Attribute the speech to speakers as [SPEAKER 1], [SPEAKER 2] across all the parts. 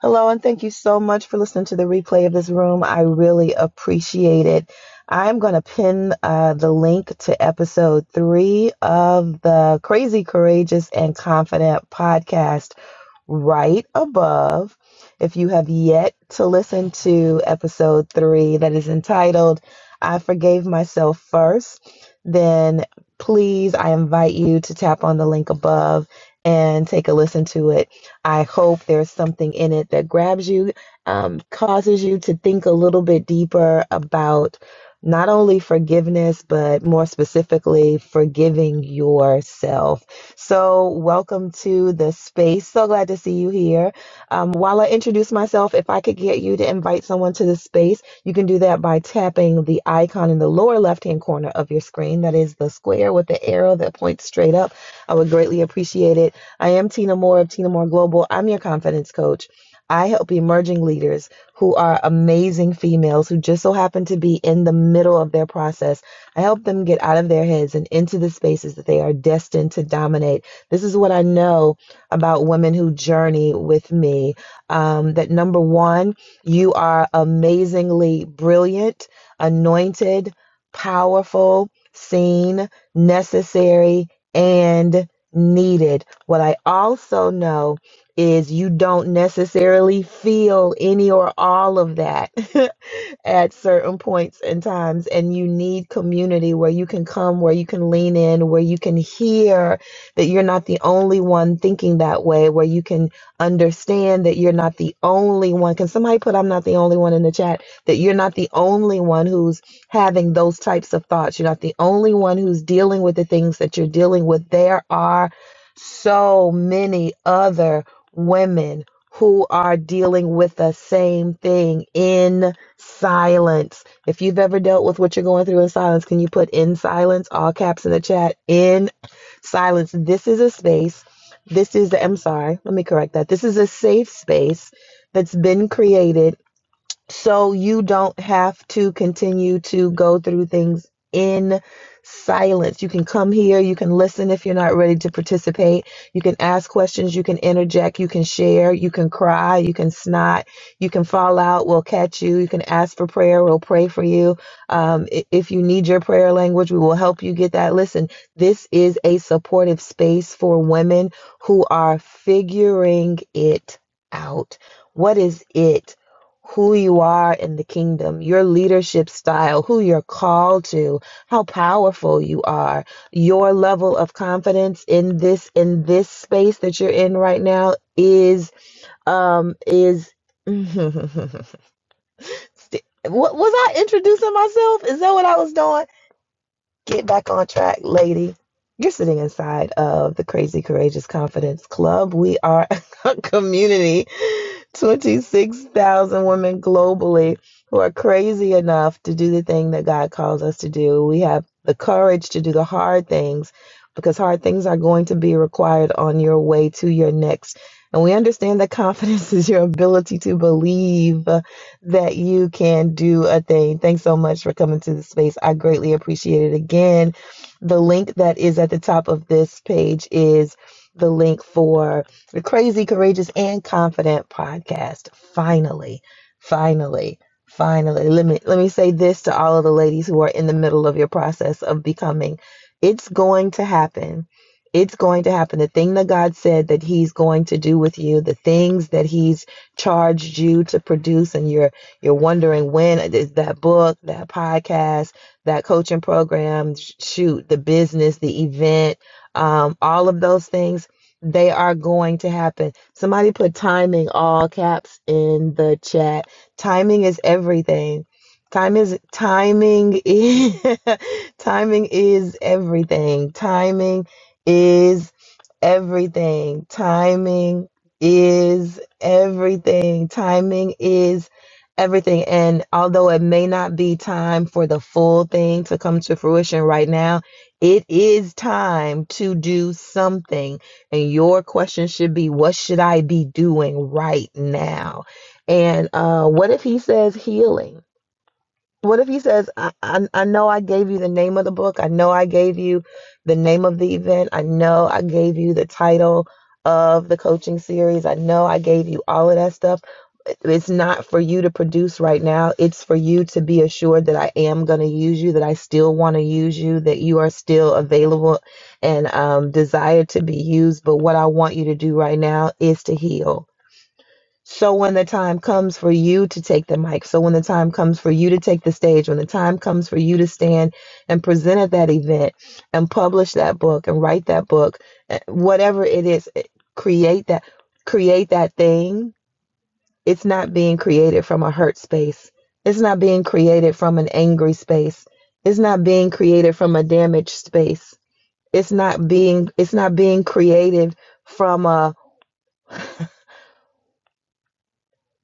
[SPEAKER 1] Hello, and thank you so much for listening to the replay of this room. I really appreciate it. I'm going to pin uh, the link to episode three of the Crazy, Courageous, and Confident podcast right above. If you have yet to listen to episode three, that is entitled I Forgave Myself First, then please, I invite you to tap on the link above and take a listen to it. I hope there's something in it that grabs you, um, causes you to think a little bit deeper about. Not only forgiveness, but more specifically, forgiving yourself so, welcome to the space. So glad to see you here. Um, while I introduce myself, if I could get you to invite someone to the space, you can do that by tapping the icon in the lower left hand corner of your screen. That is the square with the arrow that points straight up. I would greatly appreciate it. I am Tina Moore of Tina Moore Global. I'm your confidence coach. I help emerging leaders who are amazing females who just so happen to be in the middle of their process I help them get out of their heads and into the spaces that they are destined to dominate. This is what I know about women who journey with me. Um, that number one, you are amazingly brilliant, anointed, powerful, seen, necessary, and needed. What I also know is you don't necessarily feel any or all of that. at certain points and times and you need community where you can come where you can lean in where you can hear that you're not the only one thinking that way where you can understand that you're not the only one can somebody put i'm not the only one in the chat that you're not the only one who's having those types of thoughts you're not the only one who's dealing with the things that you're dealing with there are so many other women who are dealing with the same thing in Silence. If you've ever dealt with what you're going through in silence, can you put in silence, all caps in the chat? In silence. This is a space. This is, I'm sorry, let me correct that. This is a safe space that's been created so you don't have to continue to go through things in silence. You can come here, you can listen if you're not ready to participate, you can ask questions, you can interject, you can share, you can cry, you can snot, you can fall out, we'll catch you, you can ask for prayer, we'll pray for you. Um, if you need your prayer language, we will help you get that. Listen, this is a supportive space for women who are figuring it out. What is it? who you are in the kingdom, your leadership style, who you're called to, how powerful you are, your level of confidence in this in this space that you're in right now is um is St- what was I introducing myself? Is that what I was doing? Get back on track, lady. You're sitting inside of the Crazy Courageous Confidence Club. We are a community, 26,000 women globally who are crazy enough to do the thing that God calls us to do. We have the courage to do the hard things because hard things are going to be required on your way to your next. And we understand that confidence is your ability to believe that you can do a thing. Thanks so much for coming to the space. I greatly appreciate it. Again, the link that is at the top of this page is the link for the Crazy, Courageous, and Confident podcast. Finally, finally. Finally, let me let me say this to all of the ladies who are in the middle of your process of becoming. It's going to happen it's going to happen. The thing that God said that He's going to do with you, the things that He's charged you to produce, and you're you're wondering when is that book, that podcast, that coaching program, shoot, the business, the event, um, all of those things, they are going to happen. Somebody put timing all caps in the chat. Timing is everything. Time is timing is timing is everything. Timing is everything. Timing is everything. Timing is everything. And although it may not be time for the full thing to come to fruition right now, it is time to do something. And your question should be, what should I be doing right now? And uh, what if he says healing? What if he says, I, I, I know I gave you the name of the book. I know I gave you the name of the event. I know I gave you the title of the coaching series. I know I gave you all of that stuff. It's not for you to produce right now. It's for you to be assured that I am going to use you, that I still want to use you, that you are still available and um, desire to be used. But what I want you to do right now is to heal. So when the time comes for you to take the mic, so when the time comes for you to take the stage, when the time comes for you to stand and present at that event and publish that book and write that book, eh, whatever it is, eh, create that create that thing. It's not being created from a hurt space. It's not being created from an angry space. It's not being created from a damaged space. It's not being it's not being created from a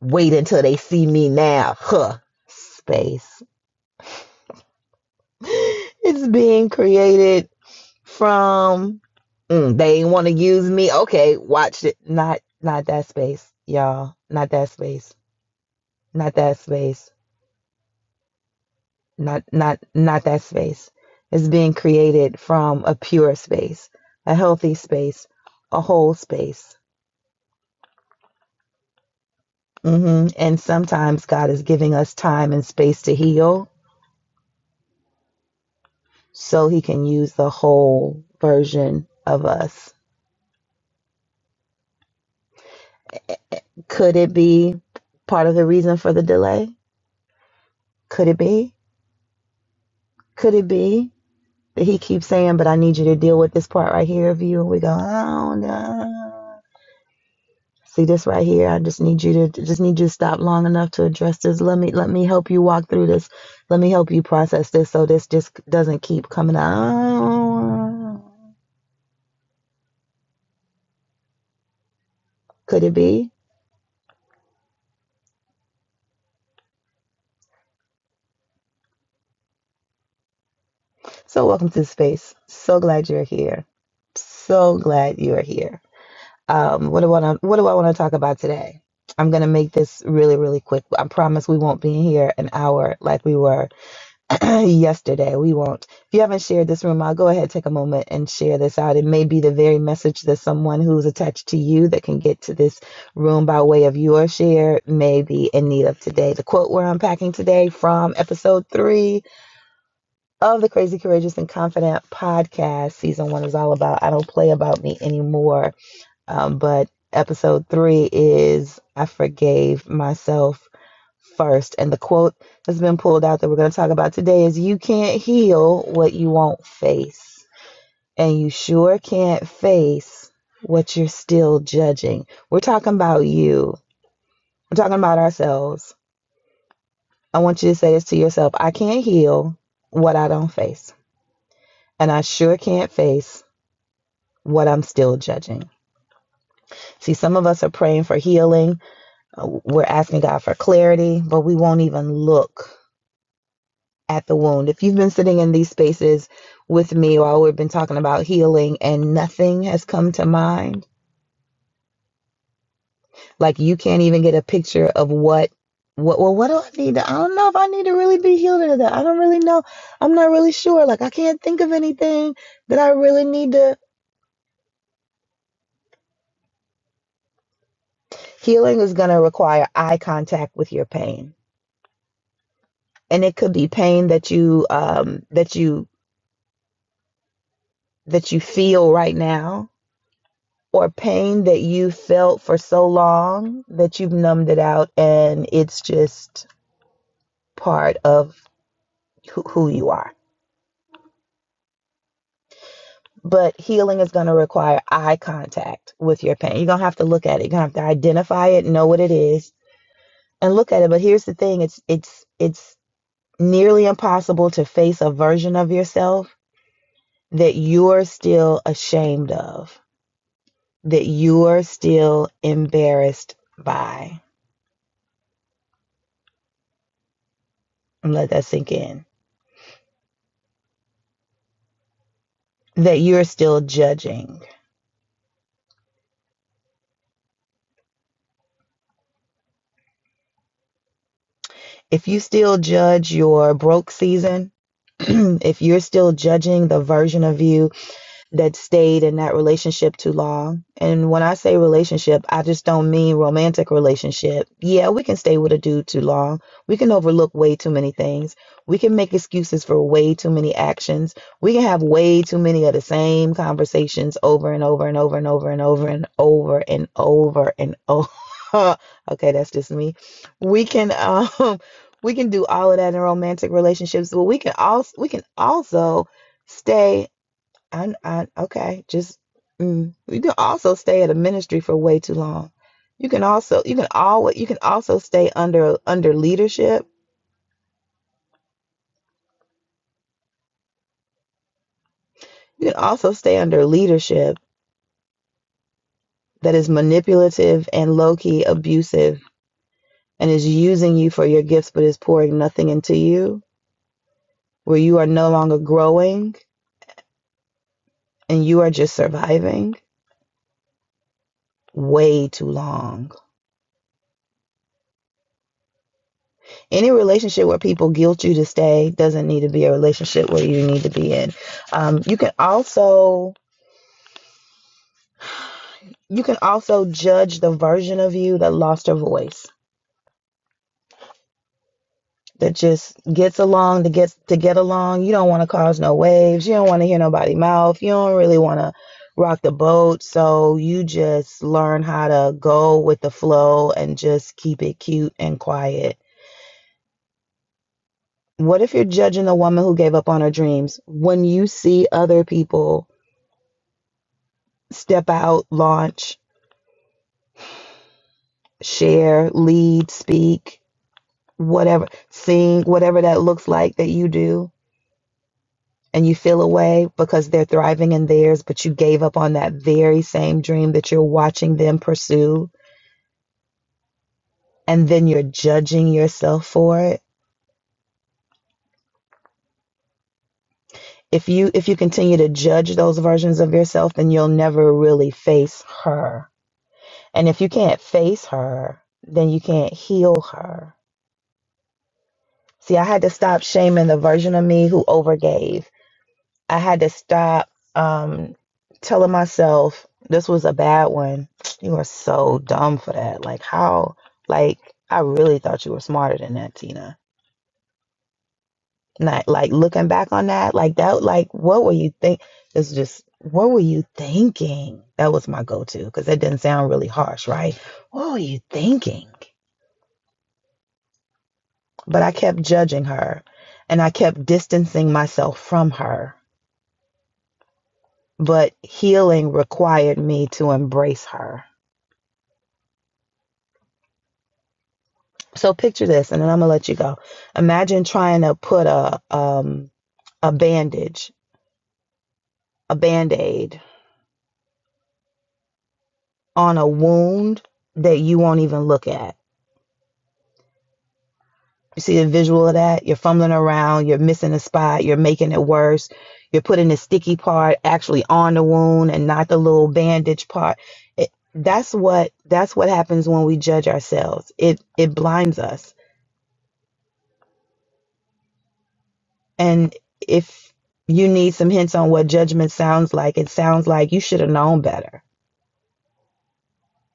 [SPEAKER 1] Wait until they see me now. Huh. Space. It's being created from mm, they ain't want to use me. Okay, watch it. Not not that space, y'all. Not that space. Not that space. Not not not that space. It's being created from a pure space, a healthy space, a whole space. hmm And sometimes God is giving us time and space to heal so he can use the whole version of us. Could it be part of the reason for the delay? Could it be? Could it be that he keeps saying, but I need you to deal with this part right here of you? And we go, oh no. See this right here. I just need you to just need you to stop long enough to address this. Let me let me help you walk through this. Let me help you process this so this just doesn't keep coming out. Could it be? So, welcome to the space. So glad you're here. So glad you are here. Um, what do I want? What do I want to talk about today? I'm gonna make this really, really quick. I promise we won't be here an hour like we were yesterday. We won't. If you haven't shared this room, I'll go ahead take a moment and share this out. It may be the very message that someone who's attached to you that can get to this room by way of your share may be in need of today. The quote we're unpacking today from episode three of the Crazy Courageous and Confident podcast. Season one is all about I don't play about me anymore. Um, but episode three is I forgave myself first. And the quote that's been pulled out that we're going to talk about today is You can't heal what you won't face. And you sure can't face what you're still judging. We're talking about you, we're talking about ourselves. I want you to say this to yourself I can't heal what I don't face. And I sure can't face what I'm still judging. See, some of us are praying for healing. uh, We're asking God for clarity, but we won't even look at the wound. If you've been sitting in these spaces with me while we've been talking about healing and nothing has come to mind, like you can't even get a picture of what what well what do I need to I don't know if I need to really be healed or that. I don't really know. I'm not really sure. Like I can't think of anything that I really need to healing is going to require eye contact with your pain and it could be pain that you um that you that you feel right now or pain that you felt for so long that you've numbed it out and it's just part of who, who you are but healing is going to require eye contact with your pain you're going to have to look at it you're going to have to identify it know what it is and look at it but here's the thing it's it's it's nearly impossible to face a version of yourself that you're still ashamed of that you are still embarrassed by. And let that sink in. That you're still judging. If you still judge your broke season, if you're still judging the version of you that stayed in that relationship too long. And when I say relationship, I just don't mean romantic relationship. Yeah, we can stay with a dude too long. We can overlook way too many things. We can make excuses for way too many actions. We can have way too many of the same conversations over and over and over and over and over and over and over and over. okay, that's just me. We can um we can do all of that in romantic relationships, but we can also we can also stay I, I okay, just mm. you can also stay at a ministry for way too long. You can also you can always you can also stay under under leadership. You can also stay under leadership that is manipulative and low key abusive and is using you for your gifts but is pouring nothing into you, where you are no longer growing and you are just surviving way too long any relationship where people guilt you to stay doesn't need to be a relationship where you need to be in um, you can also you can also judge the version of you that lost her voice that just gets along to get to get along you don't want to cause no waves you don't want to hear nobody mouth you don't really want to rock the boat so you just learn how to go with the flow and just keep it cute and quiet what if you're judging a woman who gave up on her dreams when you see other people step out, launch, share, lead, speak, whatever, sing, whatever that looks like that you do. And you feel away because they're thriving in theirs, but you gave up on that very same dream that you're watching them pursue, and then you're judging yourself for it. If you if you continue to judge those versions of yourself, then you'll never really face her. And if you can't face her, then you can't heal her. See, I had to stop shaming the version of me who overgave I had to stop um telling myself this was a bad one. You are so dumb for that. Like how like I really thought you were smarter than that, Tina. Not like looking back on that, like that like what were you think it's just what were you thinking? That was my go to because that didn't sound really harsh, right? What were you thinking? But I kept judging her and I kept distancing myself from her. But healing required me to embrace her So picture this, and then I'm gonna let you go. Imagine trying to put a um a bandage, a band-aid on a wound that you won't even look at. You see the visual of that? You're fumbling around, you're missing a spot, you're making it worse, you're putting the sticky part actually on the wound and not the little bandage part. It, that's what that's what happens when we judge ourselves. It it blinds us. And if you need some hints on what judgment sounds like, it sounds like you should have known better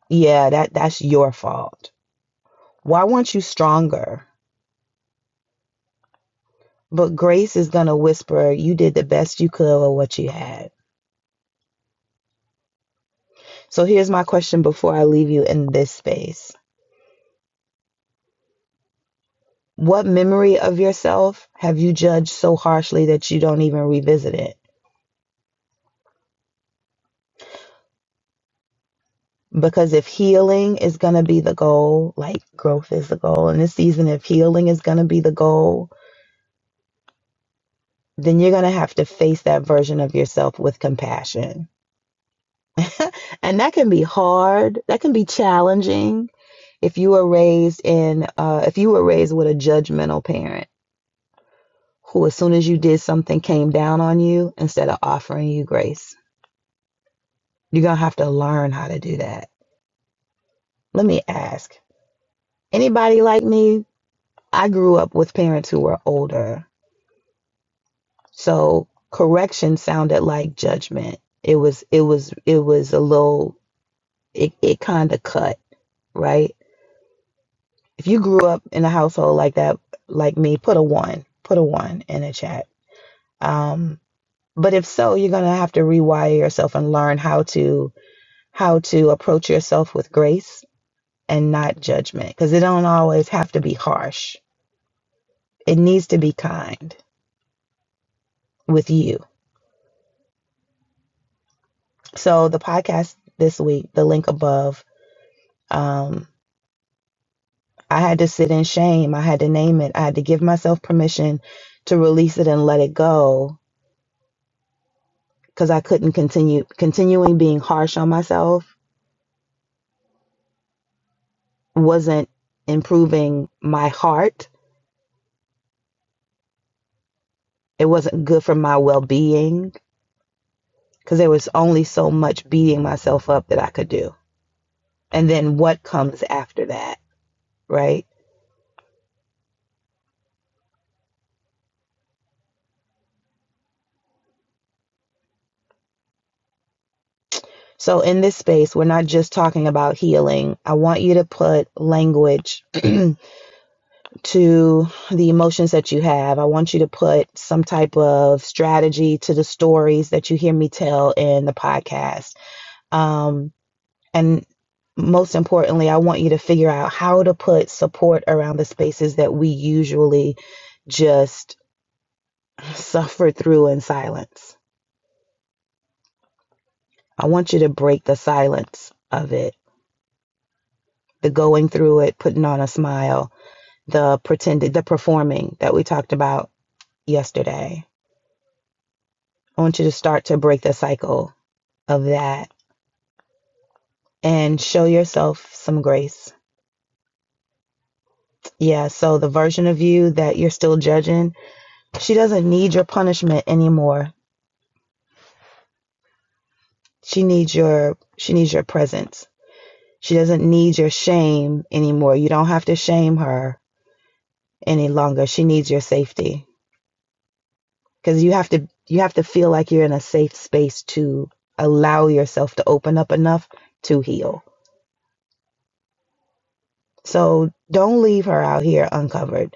[SPEAKER 1] Yeah, that that's your fault. Why weren't you stronger? But grace is going to whisper, you did the best you could with what you had. So here's my question before I leave you in this space. What memory of yourself have you judged so harshly that you don't even revisit it? Because if healing is going to be the goal, like growth is the goal in this season, if healing is going to be the goal, then you're going to have to face that version of yourself with compassion. And that can be hard, that can be challenging, if you were raised in uh, if you were raised with a judgmental parent who as soon as you did something came down on you instead of offering you grace you're gonna have to learn how to do that let me ask anybody like me i grew up with parents who were older so correction sounded like judgment it was it was it was a little it, it kind of cut right if you grew up in a household like that like me put a one put a one in the chat um But if so, you're going to have to rewire yourself and learn how to how to approach yourself with grace and not judgment because it don't always have to be harsh. It needs to be kind with you. So the podcast this week, the link above, um, I had to sit in shame. I had to name it. I had to give myself permission to release it and let it go because I couldn't continue continuing being harsh on myself wasn't improving my heart It wasn't good for my well being because there was only so much beating myself up that I could do. And then what comes after that, right? So in this space, we're not just talking about healing. I want you to put language to the emotions that you have. I want you to put some type of strategy to the stories that you hear me tell in the podcast. Um, And most importantly, I want you to figure out how to put support around the spaces that we usually just suffer through in silence. I want you to break the silence of it, the going through it, putting on a smile, the pretending, the performing that we talked about yesterday. I want you to start to break the cycle of that and show yourself some grace. Yeah, so the version of you that you're still judging, she doesn't need your punishment anymore She needs your she needs your presence. She doesn't need your shame anymore. You don't have to shame her any longer. She needs your safety cuz you have to you have to feel like you're in a safe space to allow yourself to open up enough to heal. So don't leave her out here uncovered.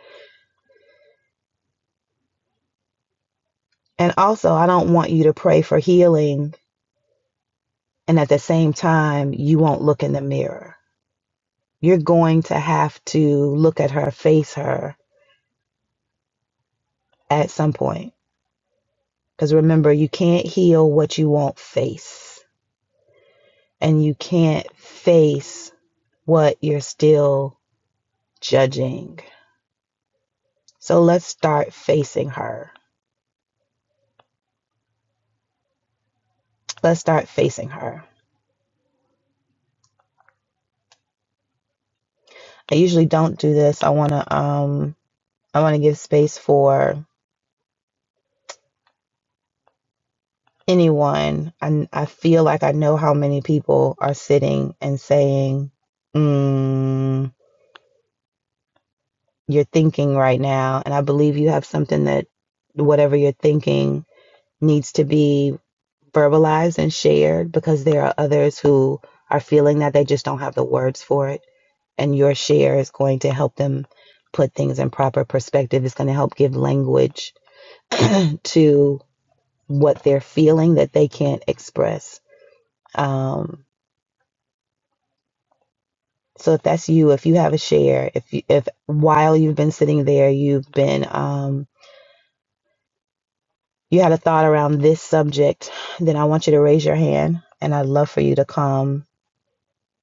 [SPEAKER 1] And also, I don't want you to pray for healing and at the same time you won't look in the mirror. You're going to have to look at her, face her at some point Because remember, you can't heal what you won't face, and you can't face what you're still judging. So let's start facing her. Let's start facing her. I usually don't do this. I want to um I want to give space for anyone. I I feel like I know how many people are sitting and saying, mm, "You're thinking right now," and I believe you have something that whatever you're thinking needs to be verbalized and shared because there are others who are feeling that they just don't have the words for it. And your share is going to help them put things in proper perspective. It's going to help give language to what they're feeling that they can't express. Um, so if that's you, if you have a share, if you, if while you've been sitting there, you've been um, you had a thought around this subject, then I want you to raise your hand, and I'd love for you to come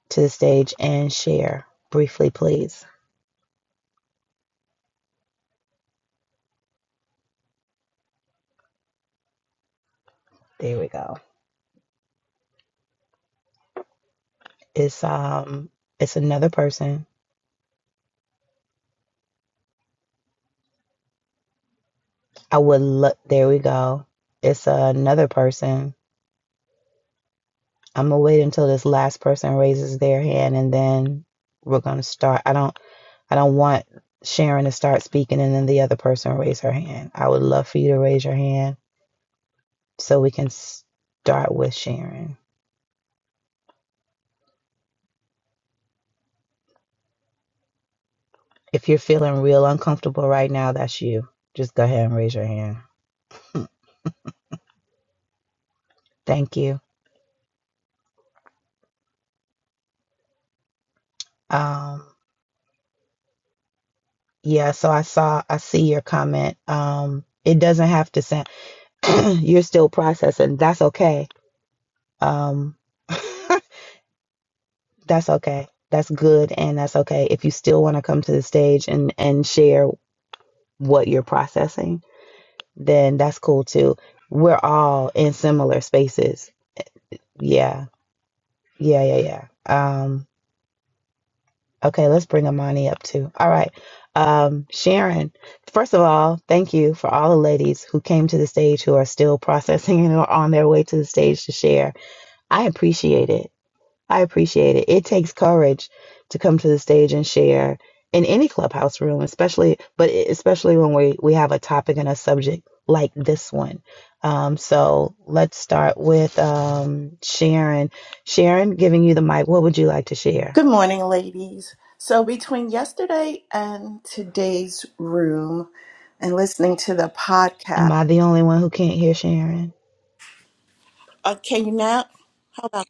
[SPEAKER 1] to the stage and share briefly, please? There we go. It's um, it's another person. I would look. There we go. It's uh, another person. I'm gonna wait until this last person raises their hand, and then we're gonna start. I don't. I don't want Sharon to start speaking and then the other person raise her hand. I would love for you to raise your hand so we can start with Sharon. If you're feeling real uncomfortable right now, that's you. Just go ahead and raise your hand. Thank you. Um, Yeah, so I saw, I see your comment. Um, it doesn't have to sound, you're still processing. That's okay. Um, that's okay. That's good and that's okay. If you still want to come to the stage and and share what you're processing, then that's cool too. We're all in similar spaces. Yeah. Yeah, yeah, yeah. Um, Okay, let's bring Amani up too. All right. Um, Sharon, first of all, thank you for all the ladies who came to the stage who are still processing and are on their way to the stage to share. I appreciate it. I appreciate it. It takes courage to come to the stage and share in any clubhouse room, especially, but e, especially when we, we have a topic and a subject like this one. Um, so let's start with um, Sharon. Sharon, giving you the mic, what would you like to share?
[SPEAKER 2] Good morning, ladies. So, between yesterday and today's room and listening to the
[SPEAKER 1] Am
[SPEAKER 2] podcast,
[SPEAKER 1] I the only one who can't hear Sharon?
[SPEAKER 2] uh, can you now? Hold on.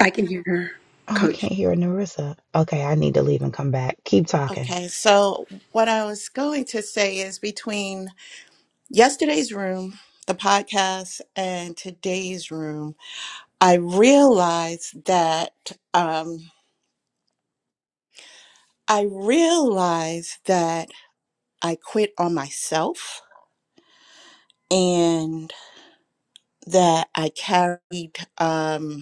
[SPEAKER 3] I can hear her,
[SPEAKER 1] Oh, I
[SPEAKER 3] Coach.
[SPEAKER 1] can't hear Narissa. Okay, I need to leave and come back. Keep talking.
[SPEAKER 2] Okay. So, what I was going to say is between yesterday's room, the podcast, and today's room, I realized that um, I realized that I quit on myself and that I carried. Um,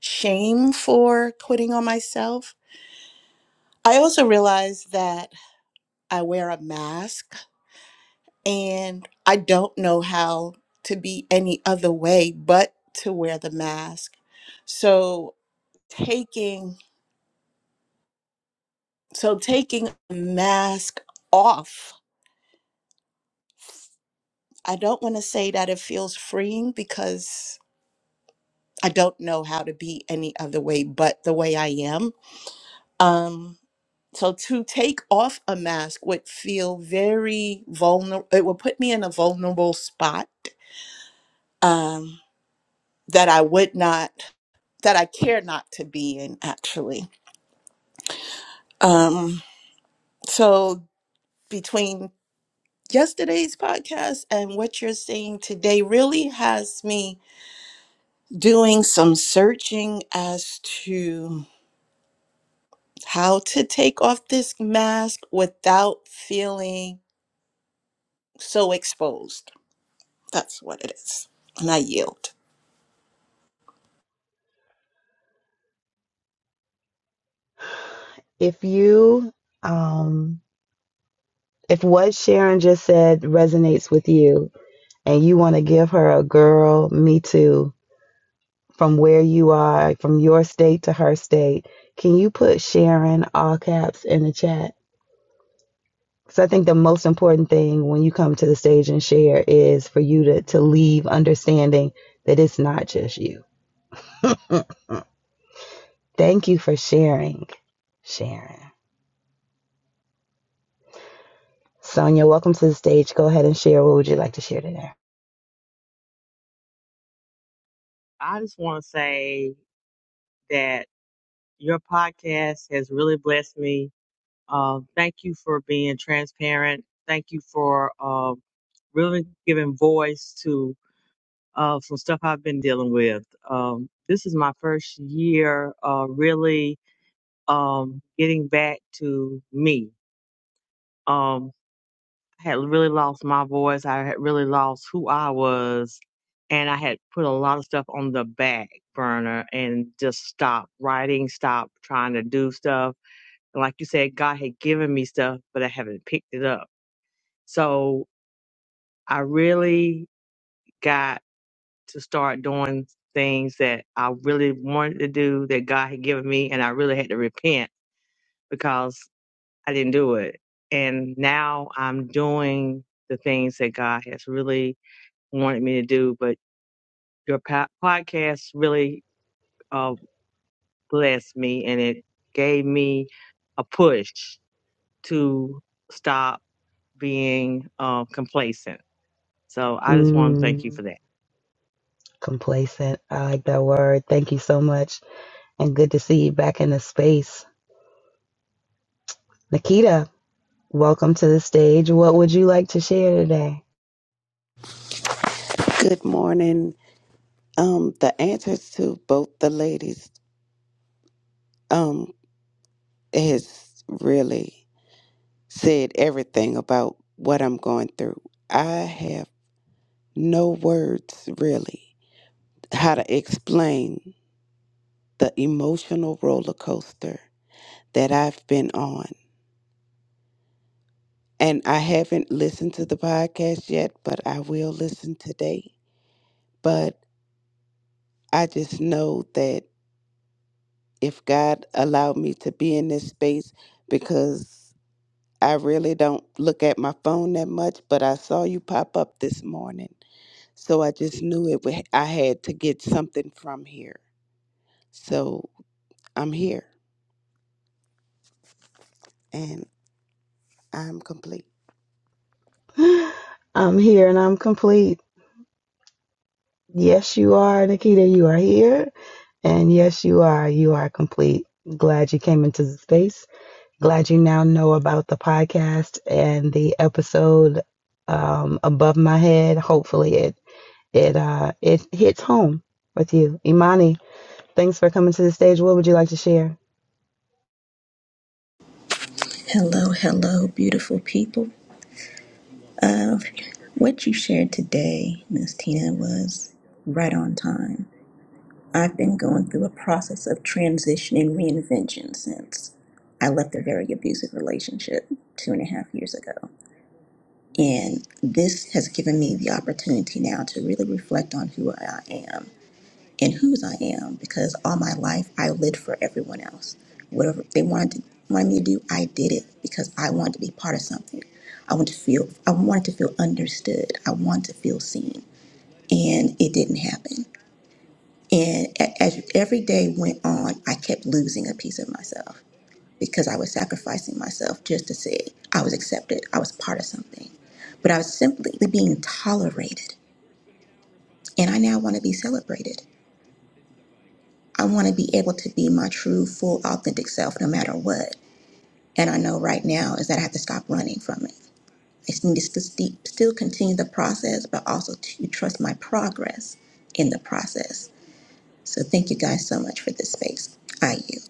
[SPEAKER 2] shame for quitting on myself. I also realized that I wear a mask and I don't know how to be any other way but to wear the mask. So taking so taking a mask off. I don't want to say that it feels freeing because I don't know how to be any other way but the way I am Um, so to take off a mask would feel very vulnerable. It would put me in a vulnerable spot um, that I would not, that I care not to be in, actually. Um, so between yesterday's podcast and what you're saying today really has me doing some searching as to how to take off this mask without feeling so exposed That's what it is. And I yield.
[SPEAKER 1] If you, um, if what Sharon just said resonates with you and you want to give her a girl, me too, from where you are, from your state to her state, can you put Sharon all caps in the chat? Because I think the most important thing when you come to the stage and share is for you to, to leave understanding that it's not just you Thank you for sharing, Sharon. Sonia, welcome to the stage. Go ahead and share. What would you like to share today?
[SPEAKER 4] I just want to say that your podcast has really blessed me. Uh, thank you for being transparent. Thank you for uh, really giving voice to uh, some stuff I've been dealing with. Um, this is my first year uh, really um, getting back to me. Um, I had really lost my voice. I had really lost who I was. And I had put a lot of stuff on the back burner and just stopped writing, stopped trying to do stuff. And like you said, God had given me stuff, but I haven't picked it up. So I really got to start doing things that I really wanted to do that God had given me. And I really had to repent because I didn't do it. And now I'm doing the things that God has really wanted me to do, but your po- podcast really uh, blessed me and it gave me a push to stop being uh, complacent. So I just want to thank you
[SPEAKER 1] Mm,
[SPEAKER 4] for that.
[SPEAKER 1] complacent. I like that word. Thank you so much. And good to see you back in the space. Nikita, welcome to the stage. What would you like to share today?
[SPEAKER 5] Good morning. Um, the answers to both the ladies um has really said everything about what I'm going through. I have no words really how to explain the emotional roller coaster that I've been on. And I haven't listened to the podcast yet, but I will listen today. But I just know that if God allowed me to be in this space because I really don't look at my phone that much, but I saw you pop up this morning. So I just knew it. wa- I had to get something from here. So I'm here and I'm complete.
[SPEAKER 1] I'm here and I'm complete. Yes, you are, Nikita. You are here. And yes, you are. You are complete. Glad you came into the space. Glad you now know about the podcast and the episode um, above my head. Hopefully, it it uh, it hits home with you, Imani. Thanks for coming to the stage. What would you like to share?
[SPEAKER 6] Hello, hello, beautiful people. Uh, what you shared today, Miss Tina, was right on time. I've been going through a process of transition and reinvention since I left a very abusive relationship two and a half years ago. And this has given me the opportunity now to really reflect on who I am and whose I am because all my life I lived for everyone else. Whatever they wanted to, wanted me to do, I did it because I wanted to be part of something. I wanted to feel I wanted to feel understood. I wanted to feel seen, and it didn't happen. And a- as every day went on, I kept losing a piece of myself because I was sacrificing myself just to say I was accepted. I was part of something, but I was simply being tolerated, and I now want to be celebrated. I want to be able to be my true, full, authentic self no matter what. And I know right now is that I have to stop running from it. I just need to st- still continue the process, but also to trust my progress in the process. So thank you guys so much for this space. I yield.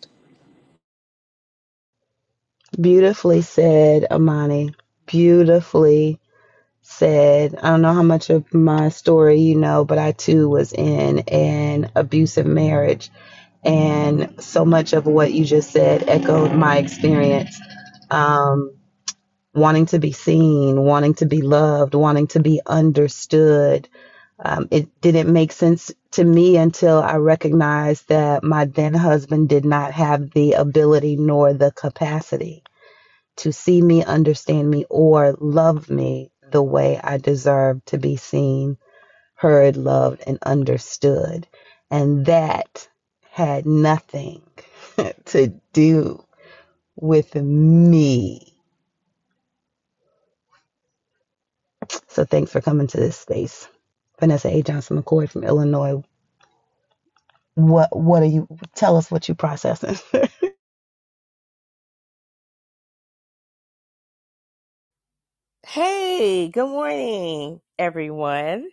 [SPEAKER 1] Beautifully said, Imani. Beautifully said. I don't know how much of my story you know, but I too was in an abusive marriage, and so much of what you just said echoed my experience. Um, wanting to be seen, wanting to be loved, wanting to be understood. Um, it didn't make sense to me until I recognized that my then husband did not have the ability nor the capacity to see me, understand me, or love me the way I deserved to be seen, heard, loved, and understood. And that had nothing to do with me So thanks for coming to this space. Vanessa A. Johnson McCord from Illinois. What what are you tell us what you processing?
[SPEAKER 7] Hey, good morning, everyone.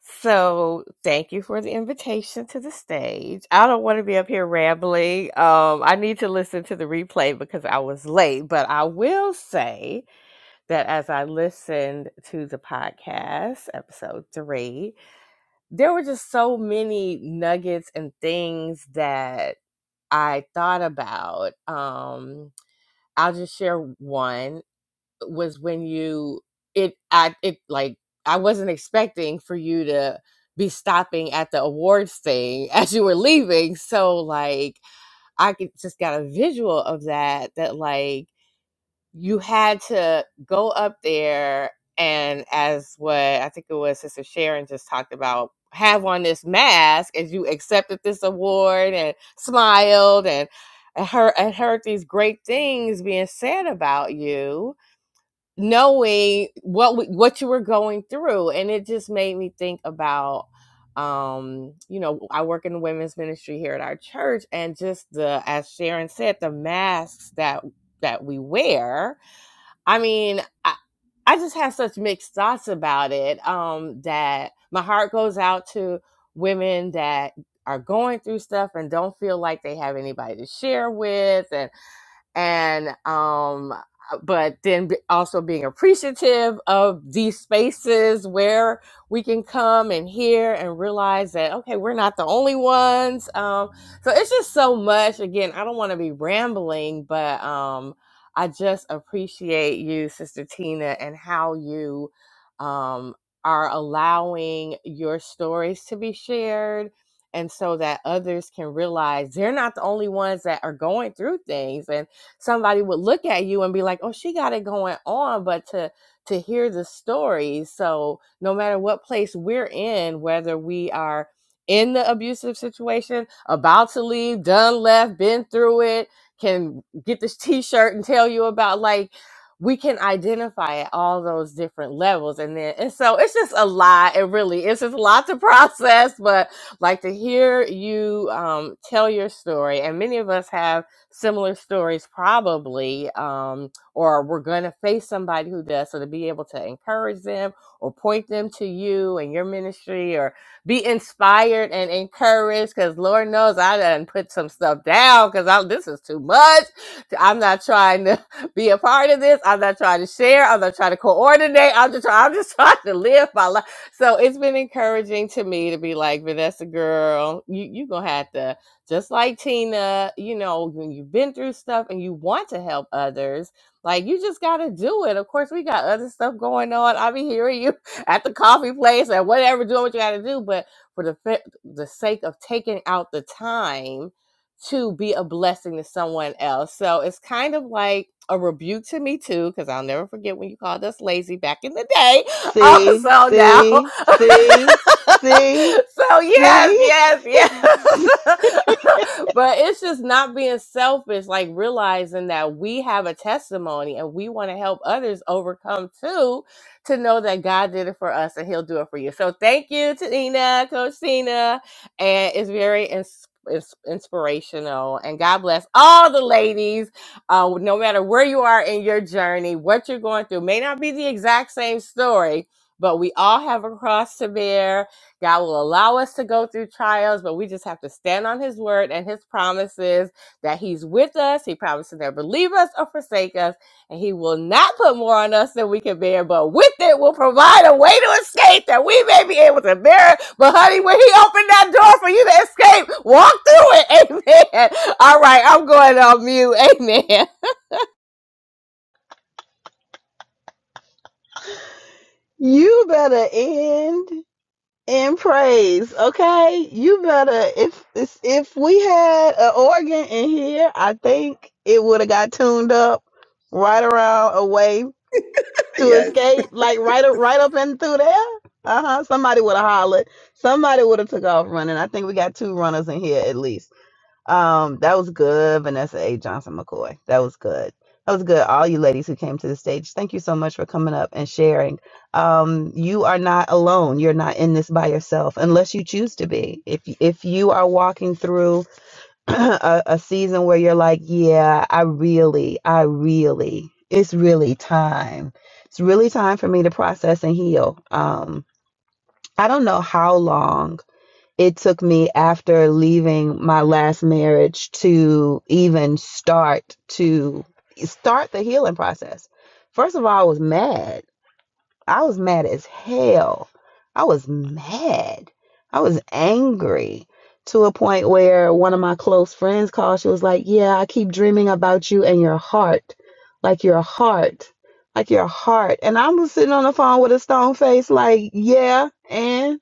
[SPEAKER 7] So, thank you for the invitation to the stage. I don't want to be up here rambling. Um, I need to listen to the replay because I was late, but I will say that as I listened to the podcast, episode three, there were just so many nuggets and things that I thought about. Um, I'll just share one was when you it I it like I wasn't expecting for you to be stopping at the awards thing as you were leaving. So like I could, just got a visual of that that like you had to go up there and as what I think it was Sister Sharon just talked about have on this mask as you accepted this award and smiled and and heard, and heard these great things being said about you knowing what w- what you were going through and it just made me think about um you know i work in the women's ministry here at our church and just the as sharon said the masks that that we wear i mean i, I just have such mixed thoughts about it um that my heart goes out to women that are going through stuff and don't feel like they have anybody to share with and and um uh, but then be- also being appreciative of these spaces where we can come and hear and realize that okay we're not the only ones um so it's just so much again i don't want to be rambling but um i just appreciate you sister tina and how you um are allowing your stories to be shared and so that others can realize they're not the only ones that are going through things and somebody would look at you and be like, "Oh, she got it going on," but to to hear the stories. So, no matter what place we're in, whether we are in the abusive situation, about to leave, done left, been through it, can get this t-shirt and tell you about like we can identify at all those different levels and then and so it's just a lot it really it's just a lot to process but like to hear you um, tell your story and many of us have similar stories probably um, or we're going to face somebody who does so to be able to encourage them or point them to you and your ministry or be inspired and encouraged because lord knows i done put some stuff down because this is too much i'm not trying to be a part of this i'm not trying to share i'm not trying to coordinate i'm just trying i'm just trying to live my life so it's been encouraging to me to be like vanessa girl you you gonna have to just like Tina, you know, when you've been through stuff and you want to help others, like you just got to do it. Of course, we got other stuff going on. I'll be hearing you at the coffee place and whatever, doing what you got to do. But for the, fa- the sake of taking out the time to be a blessing to someone else. So it's kind of like a rebuke to me, too, because I'll never forget when you called us lazy back in the day
[SPEAKER 1] see,
[SPEAKER 7] also now.
[SPEAKER 1] see, see, see,
[SPEAKER 7] so yes,
[SPEAKER 1] see.
[SPEAKER 7] yes, yes. but it's just not being selfish, like realizing that we have a testimony and we want to help others overcome too, to know that God did it for us and He'll do it for you. So thank you, Tina, Coach Tina, and it's very ins- ins- inspirational. And God bless all the ladies uh, no matter where you are in your journey, what you're going through may not be the exact same story, but we all have a cross to bear. God will allow us to go through trials, but we just have to stand on His word and His promises that He's with us. He promised to never leave us or forsake us, and He will not put more on us than we can bear, but with it will provide a way to escape that we may be able to bear it. But honey, when He opened that door for you to escape, walk through it. Amen. All right, I'm going on mute. Amen.
[SPEAKER 1] you better end in praise, okay? You better if if if we had an organ in here, I think it would have got tuned up right around away to escape, like right up, right up and through there. Uh huh. Somebody would have hollered. Somebody would have took off running. I think we got two runners in here at least. Um, that was good, Vanessa A. Johnson McCoy. That was good. That was good. All you ladies who came to the stage, thank you so much for coming up and sharing. Um, you are not alone. You're not in this by yourself, unless you choose to be. If if you are walking through a, a season where you're like, yeah, I really, I really, it's really time. It's really time for me to process and heal. Um, I don't know how long it took me after leaving my last marriage to even start to start the healing process. First of all, I was mad I was mad as hell. I was mad. I was angry to a point where one of my close friends called. She was like, Yeah, I keep dreaming about you and your heart. Like your heart. Like your heart. And I was sitting on the phone with a stone face, like, Yeah, and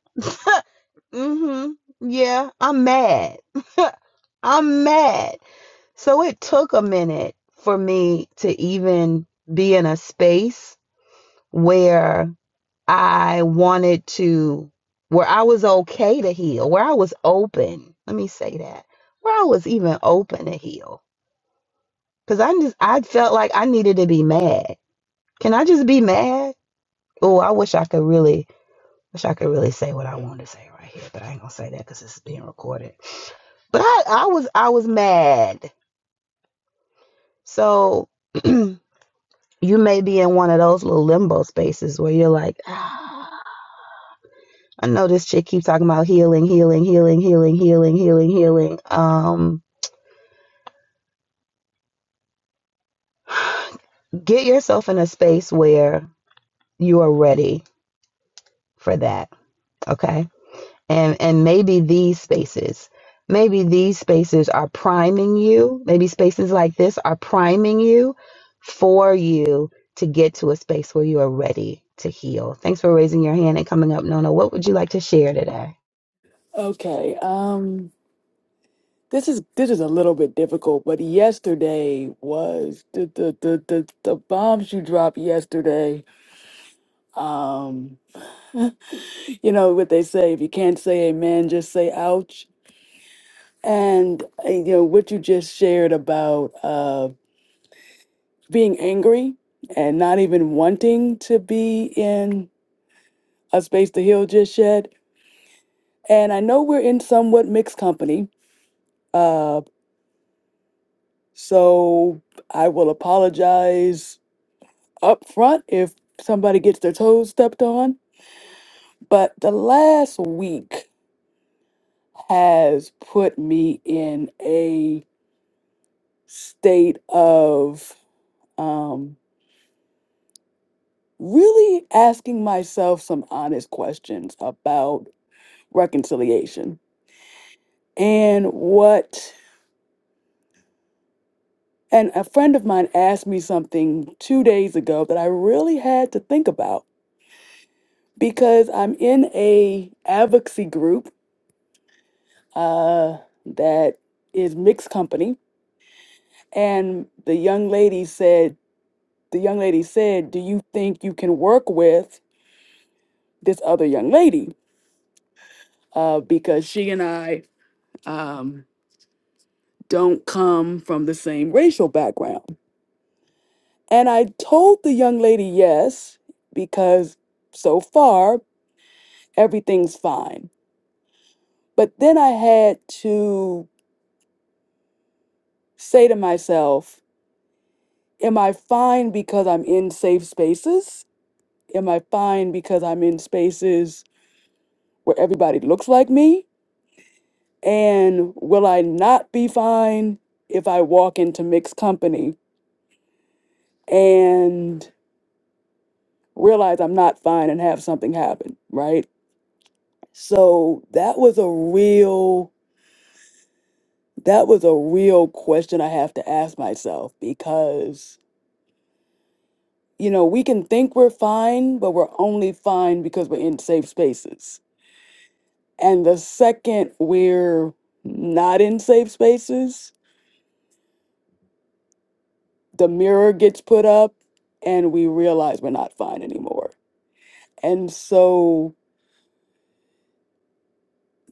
[SPEAKER 1] mm hmm. Yeah, I'm mad. I'm mad. So it took a minute for me to even be in a space where I wanted to, where I was okay to heal, where I was open. Let me say that, where I was even open to heal, because I just I felt like I needed to be mad. Can I just be mad? Oh, I wish I could really, wish I could really say what I wanted to say right here, but I ain't gonna say that because this is being recorded. But I, I was, I was mad. So you may be in one of those little limbo spaces where you're like, ah. I know this chick keeps talking about healing, healing, healing, healing, healing, healing, healing. Um, get yourself in a space where you are ready for that, okay? And and maybe these spaces, maybe these spaces are priming you. Maybe spaces like this are priming you for you to get to a space where you are ready to heal. Thanks for raising your hand and coming up, Nona. What would you like to share today?
[SPEAKER 8] Okay. Um this is this is a little bit difficult, but yesterday was the the the the, the bombs you dropped yesterday. Um you know what they say, if you can't say amen, just say ouch. And uh, you know what you just shared about uh being angry and not even wanting to be in a space to heal just yet. And I know we're in somewhat mixed company. Uh so I will apologize up front if somebody gets their toes stepped on. But the last week has put me in a state of um, really asking myself some honest questions about reconciliation and what. And a friend of mine asked me something two days ago that I really had to think about because I'm in a advocacy group uh, that is mixed company And the young lady said, the young lady said, do you think you can work with this other young lady? Uh, because she and I um, don't come from the same racial background. And I told the young lady yes, because so far everything's fine. But then I had to say to myself, am I fine because I'm in safe spaces? Am I fine because I'm in spaces where everybody looks like me? And will I not be fine if I walk into mixed company and realize I'm not fine and have something happen, right? So that was a real that was a real question I have to ask myself because you know, we can think we're fine, but we're only fine because we're in safe spaces. And the second we're not in safe spaces, the mirror gets put up and we realize we're not fine anymore And so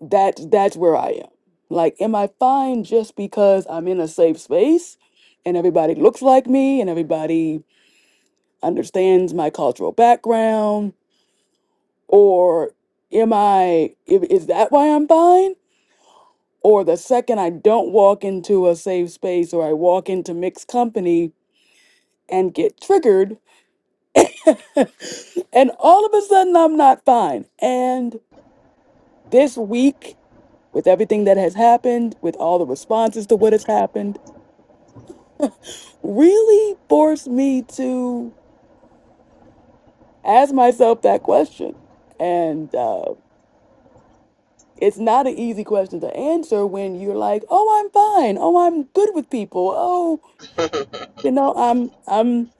[SPEAKER 8] that's that's where I am. Like, am I fine just because I'm in a safe space and everybody looks like me and everybody understands my cultural background? Or am I i- is that why I'm fine? Or the second I don't walk into a safe space or I walk into mixed company and get triggered, and all of a sudden I'm not fine. And this week, with everything that has happened, with all the responses to what has happened, really forced me to ask myself that question. And uh, it's not an easy question to answer when you're like, "Oh, I'm fine. Oh, I'm good with people. Oh, you know, I'm I'm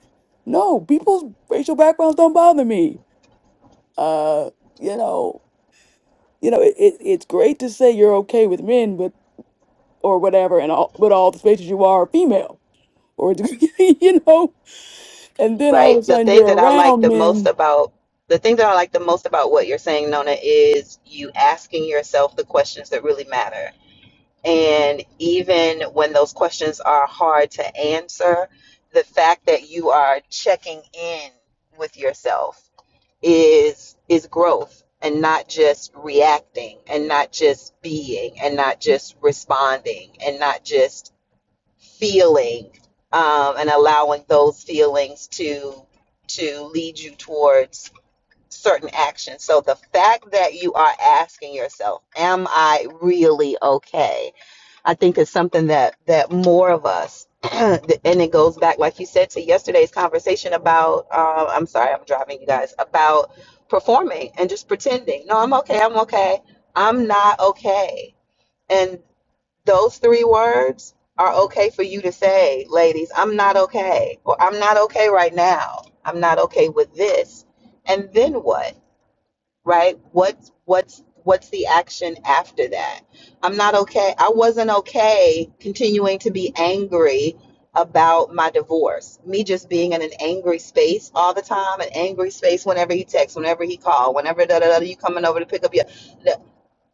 [SPEAKER 8] no people's racial backgrounds don't bother me. Uh, you know, you know, it, it, it's great to say you're okay with men, but or whatever, and all, but all the spaces you are female, or you know, and then
[SPEAKER 1] Right.
[SPEAKER 8] all of a sudden you're around men
[SPEAKER 1] So the thing is asking us that really matter. And even when those questions are hard to answer, the fact that you are checking in with yourself is is growth and not just reacting and not just being and not just responding and not just feeling um, and allowing those feelings to to lead you towards certain actions. So the fact that you are asking yourself, am I really okay? I think it's something that that more of us, and it goes back, like you said, to yesterday's conversation about. Um, I'm sorry, I'm driving you guys about performing and just pretending. No, I'm okay. I'm okay. I'm not okay. And those three words are okay for you to say, ladies. I'm not okay, or I'm not okay right now. I'm not okay with this. And then what? right what's what's what's the action after that i'm not okay i wasn't okay continuing to be angry about my divorce me just being in an angry space all the time an angry space whenever he texts whenever he called whenever da da da you coming over to pick up your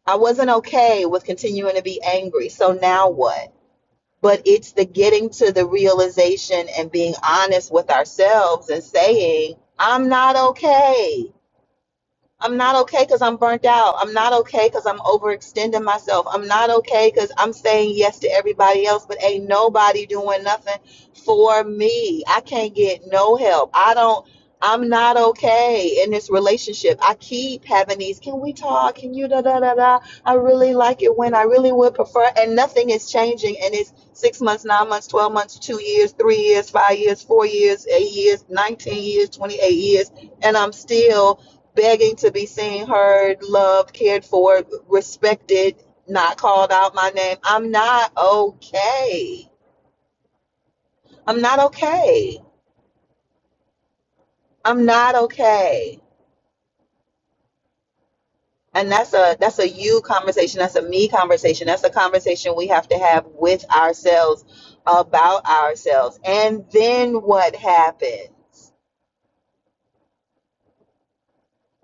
[SPEAKER 1] i wasn't okay with continuing to be angry so now what but it's the getting to the realization and being honest with ourselves and saying i'm not okay I'm not okay because I'm burnt out. I'm not okay because I'm overextending myself. I'm not okay because I'm saying yes to everybody else, but ain't nobody doing nothing for me. I can't get no help. I don't, I'm not okay in this relationship. I keep having these, can we talk? Can you da da da da? I really like it when I really would prefer, and nothing is changing. And it's six months, nine months, 12 months, two years, three years, five years, four years, eight years, 19 years, 28 years, and I'm still begging to be seen, heard, loved, cared for, respected, not called out my name. I'm not okay. I'm not okay. I'm not okay. And that's a that's a you conversation. That's a me conversation. That's a conversation we have to have with ourselves about ourselves. And then what happens?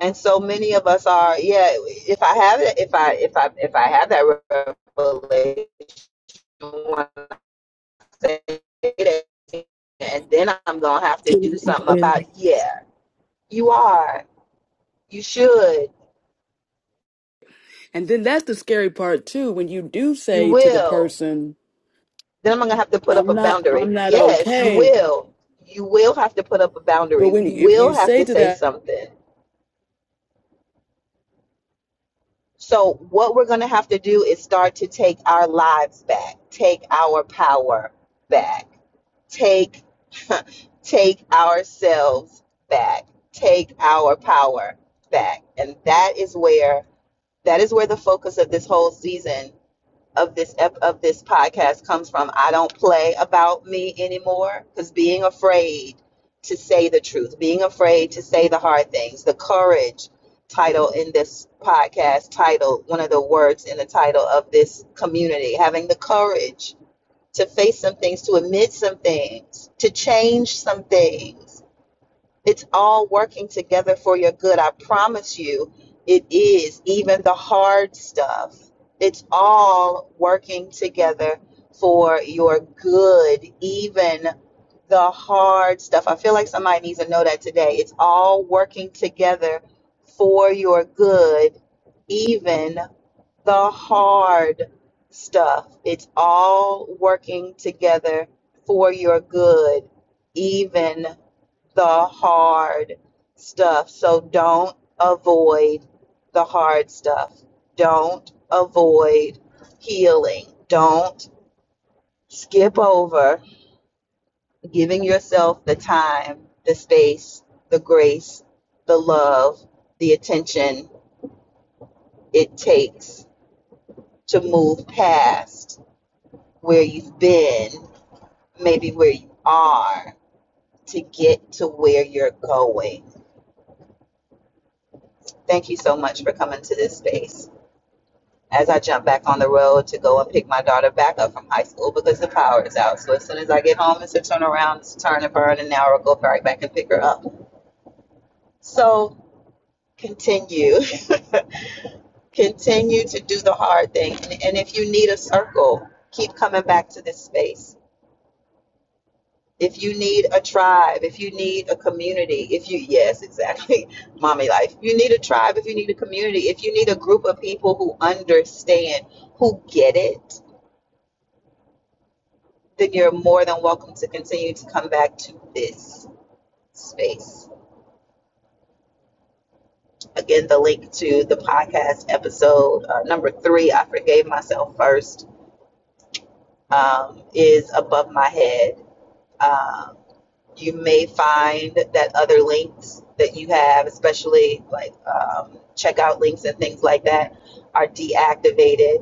[SPEAKER 1] And so many of us are, yeah. If I have it, if I if I if I have that revelation, one it and then I'm gonna have to
[SPEAKER 3] Tina,
[SPEAKER 1] do
[SPEAKER 3] you're
[SPEAKER 1] something
[SPEAKER 3] going in the
[SPEAKER 1] about it.
[SPEAKER 3] main-
[SPEAKER 1] yeah, you are, you should,
[SPEAKER 8] And then that's the scary part too, when you do
[SPEAKER 1] you
[SPEAKER 8] say to the
[SPEAKER 1] will.
[SPEAKER 8] person,
[SPEAKER 1] Then I'm gonna have to put up
[SPEAKER 8] I'm
[SPEAKER 1] a
[SPEAKER 8] not
[SPEAKER 1] boundary.
[SPEAKER 8] I'm not
[SPEAKER 1] Yes, you
[SPEAKER 8] okay.
[SPEAKER 1] will. You will have to put up a
[SPEAKER 8] But
[SPEAKER 1] boundary.
[SPEAKER 8] when
[SPEAKER 1] You
[SPEAKER 8] if
[SPEAKER 1] will
[SPEAKER 8] you
[SPEAKER 1] have
[SPEAKER 8] say
[SPEAKER 1] to
[SPEAKER 8] to
[SPEAKER 1] say
[SPEAKER 8] that
[SPEAKER 1] something. So what we're gonna have to do is start to take our lives back, take our power back, take take ourselves back, take our power back. And that is where that is where the focus of this whole season of this ep- of this podcast comes from. I don't play about me anymore because being afraid to say the truth, being afraid to say the hard things, the courage title in this podcast title, one of the words in the title of this community, having the courage to face some things, to admit some things, to change some things it's all working together for your good. I promise you, it is. Even the hard stuff, it's all working together for your good. Even the hard stuff. I feel like somebody needs to know that today. It's all working together for your good. Even the hard stuff, it's all working together for your good. Even the hard stuff. So don't avoid the hard stuff. Don't avoid healing. Don't skip over giving yourself the time, the space, the grace, the love, the attention it takes to move past where you've been, maybe where you are, to get to where you're going. Thank you so much for coming to this space. as I jump back on the road to go and pick my daughter back up from high school because the power is out. So as soon as I get home, it's a turnaround, it's a turn and burn, and now I'll go right back and pick her up. So continue, continue to do the hard thing. And, and if you need a circle, keep coming back to this space. If you need a tribe, if you need a community, if you, yes, exactly, mommy life. If you need a tribe, if you need a community, if you need a group of people who understand, who get it, then you're more than welcome to continue to come back to this space. Again, the link to the podcast episode uh, number three, I Forgave Myself First, um, is above my head. Um, you may find that other links that you have, especially like um, checkout links and things like that, are deactivated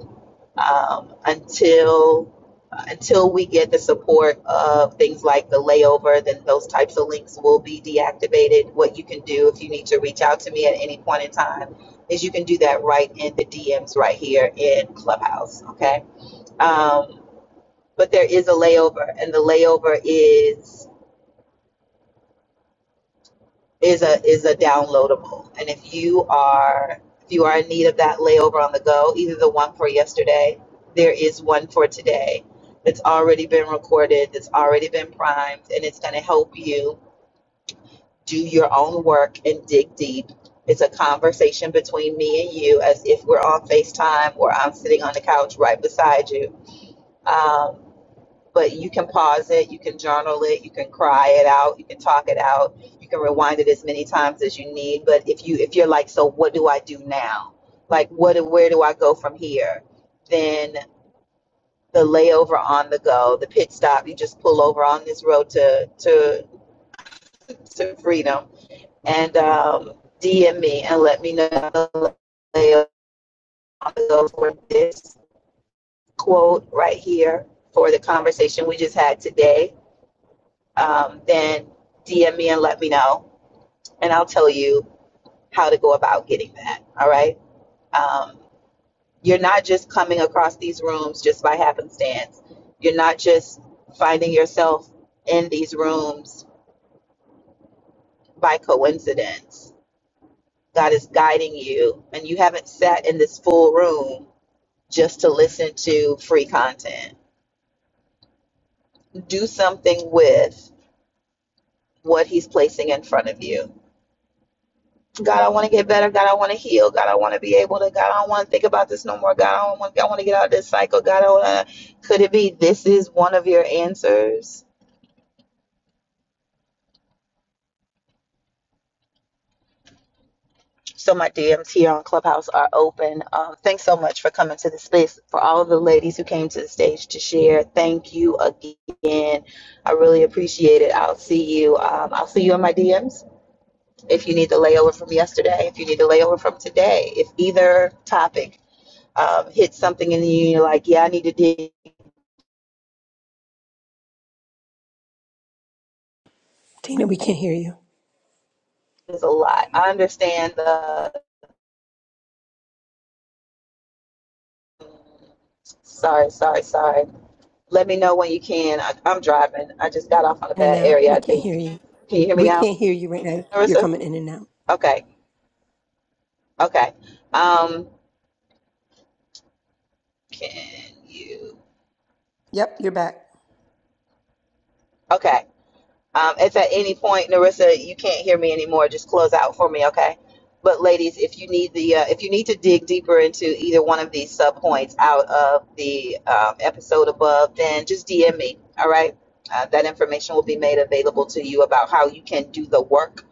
[SPEAKER 1] um, until until we get the support of things like the layover, then those types of links will be deactivated. What you can do if you need to reach out to me at any point in time is you can do that right in the DMs right here in Clubhouse. Okay. Um, but there is a layover, and the layover is is a is a downloadable. And if you are if you are in need of that layover on the go, either the one for yesterday, there is one for today that's already been recorded, that's already been primed, and it's gonna help you do your own work and dig deep. It's a conversation between me and you as if we're on FaceTime or I'm sitting on the couch right beside you. Um, but you can pause it, you can journal it, you can cry it out, you can talk it out, you can rewind it as many times as you need. But if you if you're like, so what do I do now? Like what where do I go from here? Then the layover on the go, the pit stop, you just pull over on this road to to to freedom and um, DM me and let me know the layover on the go for this quote right here for the conversation we just had today um, then DM me and let me know, and I'll tell you how to go about getting that. All right. Um, you're not just coming across these rooms just by happenstance. You're not just finding yourself in these rooms by coincidence. God is guiding you, and you haven't sat in this full room just to listen to free content. Do something with what He's placing in front of you God, I want to get better. God, I want to heal. God, I want to be able to. God, I don't want to think about this no more. God, I don't want. to, I want to get out of this cycle. God, I want to. Could it be this is one of your answers? So my DMs here on Clubhouse are open. Um, thanks so much for coming to the space. For all of the ladies who came to the stage to share, thank you again. I really appreciate it. I'll see you. Um, I'll see you in my DMs if you need the layover from yesterday. If you need the layover from today. If either topic um, hit something in you, and you're like, yeah, I need to dig
[SPEAKER 3] Tina, we can't hear you.
[SPEAKER 1] is a lot. I understand the. Sorry, sorry, sorry. Let me know when you can. I, I'm driving. I just got off on a
[SPEAKER 3] In and
[SPEAKER 1] bad
[SPEAKER 3] out.
[SPEAKER 1] area.
[SPEAKER 3] We
[SPEAKER 1] I
[SPEAKER 3] can't hear
[SPEAKER 1] think.
[SPEAKER 3] you.
[SPEAKER 1] Can you hear me
[SPEAKER 3] We
[SPEAKER 1] now,
[SPEAKER 3] can't hear you right now. You're
[SPEAKER 1] Marissa?
[SPEAKER 3] coming in and out.
[SPEAKER 1] Okay, okay. Um, can you?
[SPEAKER 3] Yep, you're back.
[SPEAKER 1] Okay. Um, if at any point, Narissa, you can't hear me anymore, just close out for me, okay? But ladies, if you need the uh, if you need to dig deeper into either one of these sub points out of the um, episode above, then just DM me, all right? Uh, that information will be made available to you about how you can do the work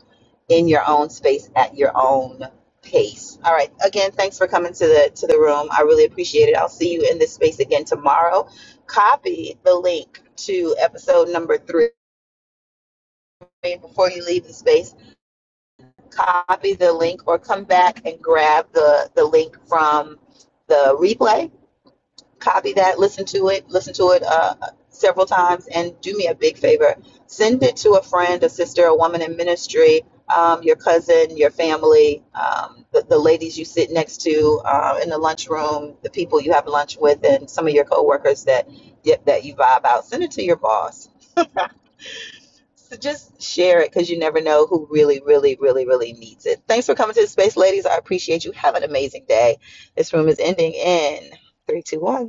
[SPEAKER 1] in your own space at your own pace. All right. Again, thanks for coming to the to the room. I really appreciate it. I'll see you in this space again tomorrow. Copy the link to episode number three before you leave the space, copy the link or come back and grab the, the link from the replay. Copy that, listen to it, listen to it uh, several times, and do me a big favor. Send it to a friend, a sister, a woman in ministry, um, your cousin, your family, um, the, the ladies you sit next to uh, in the lunchroom, the people you have lunch with, and some of your coworkers that, yep, that you vibe out. Send it to your boss So just share it because you never know who really, really, really, really needs it. Thanks for coming to the space, ladies. I appreciate you. Have an amazing day. This room is ending in three, two, one.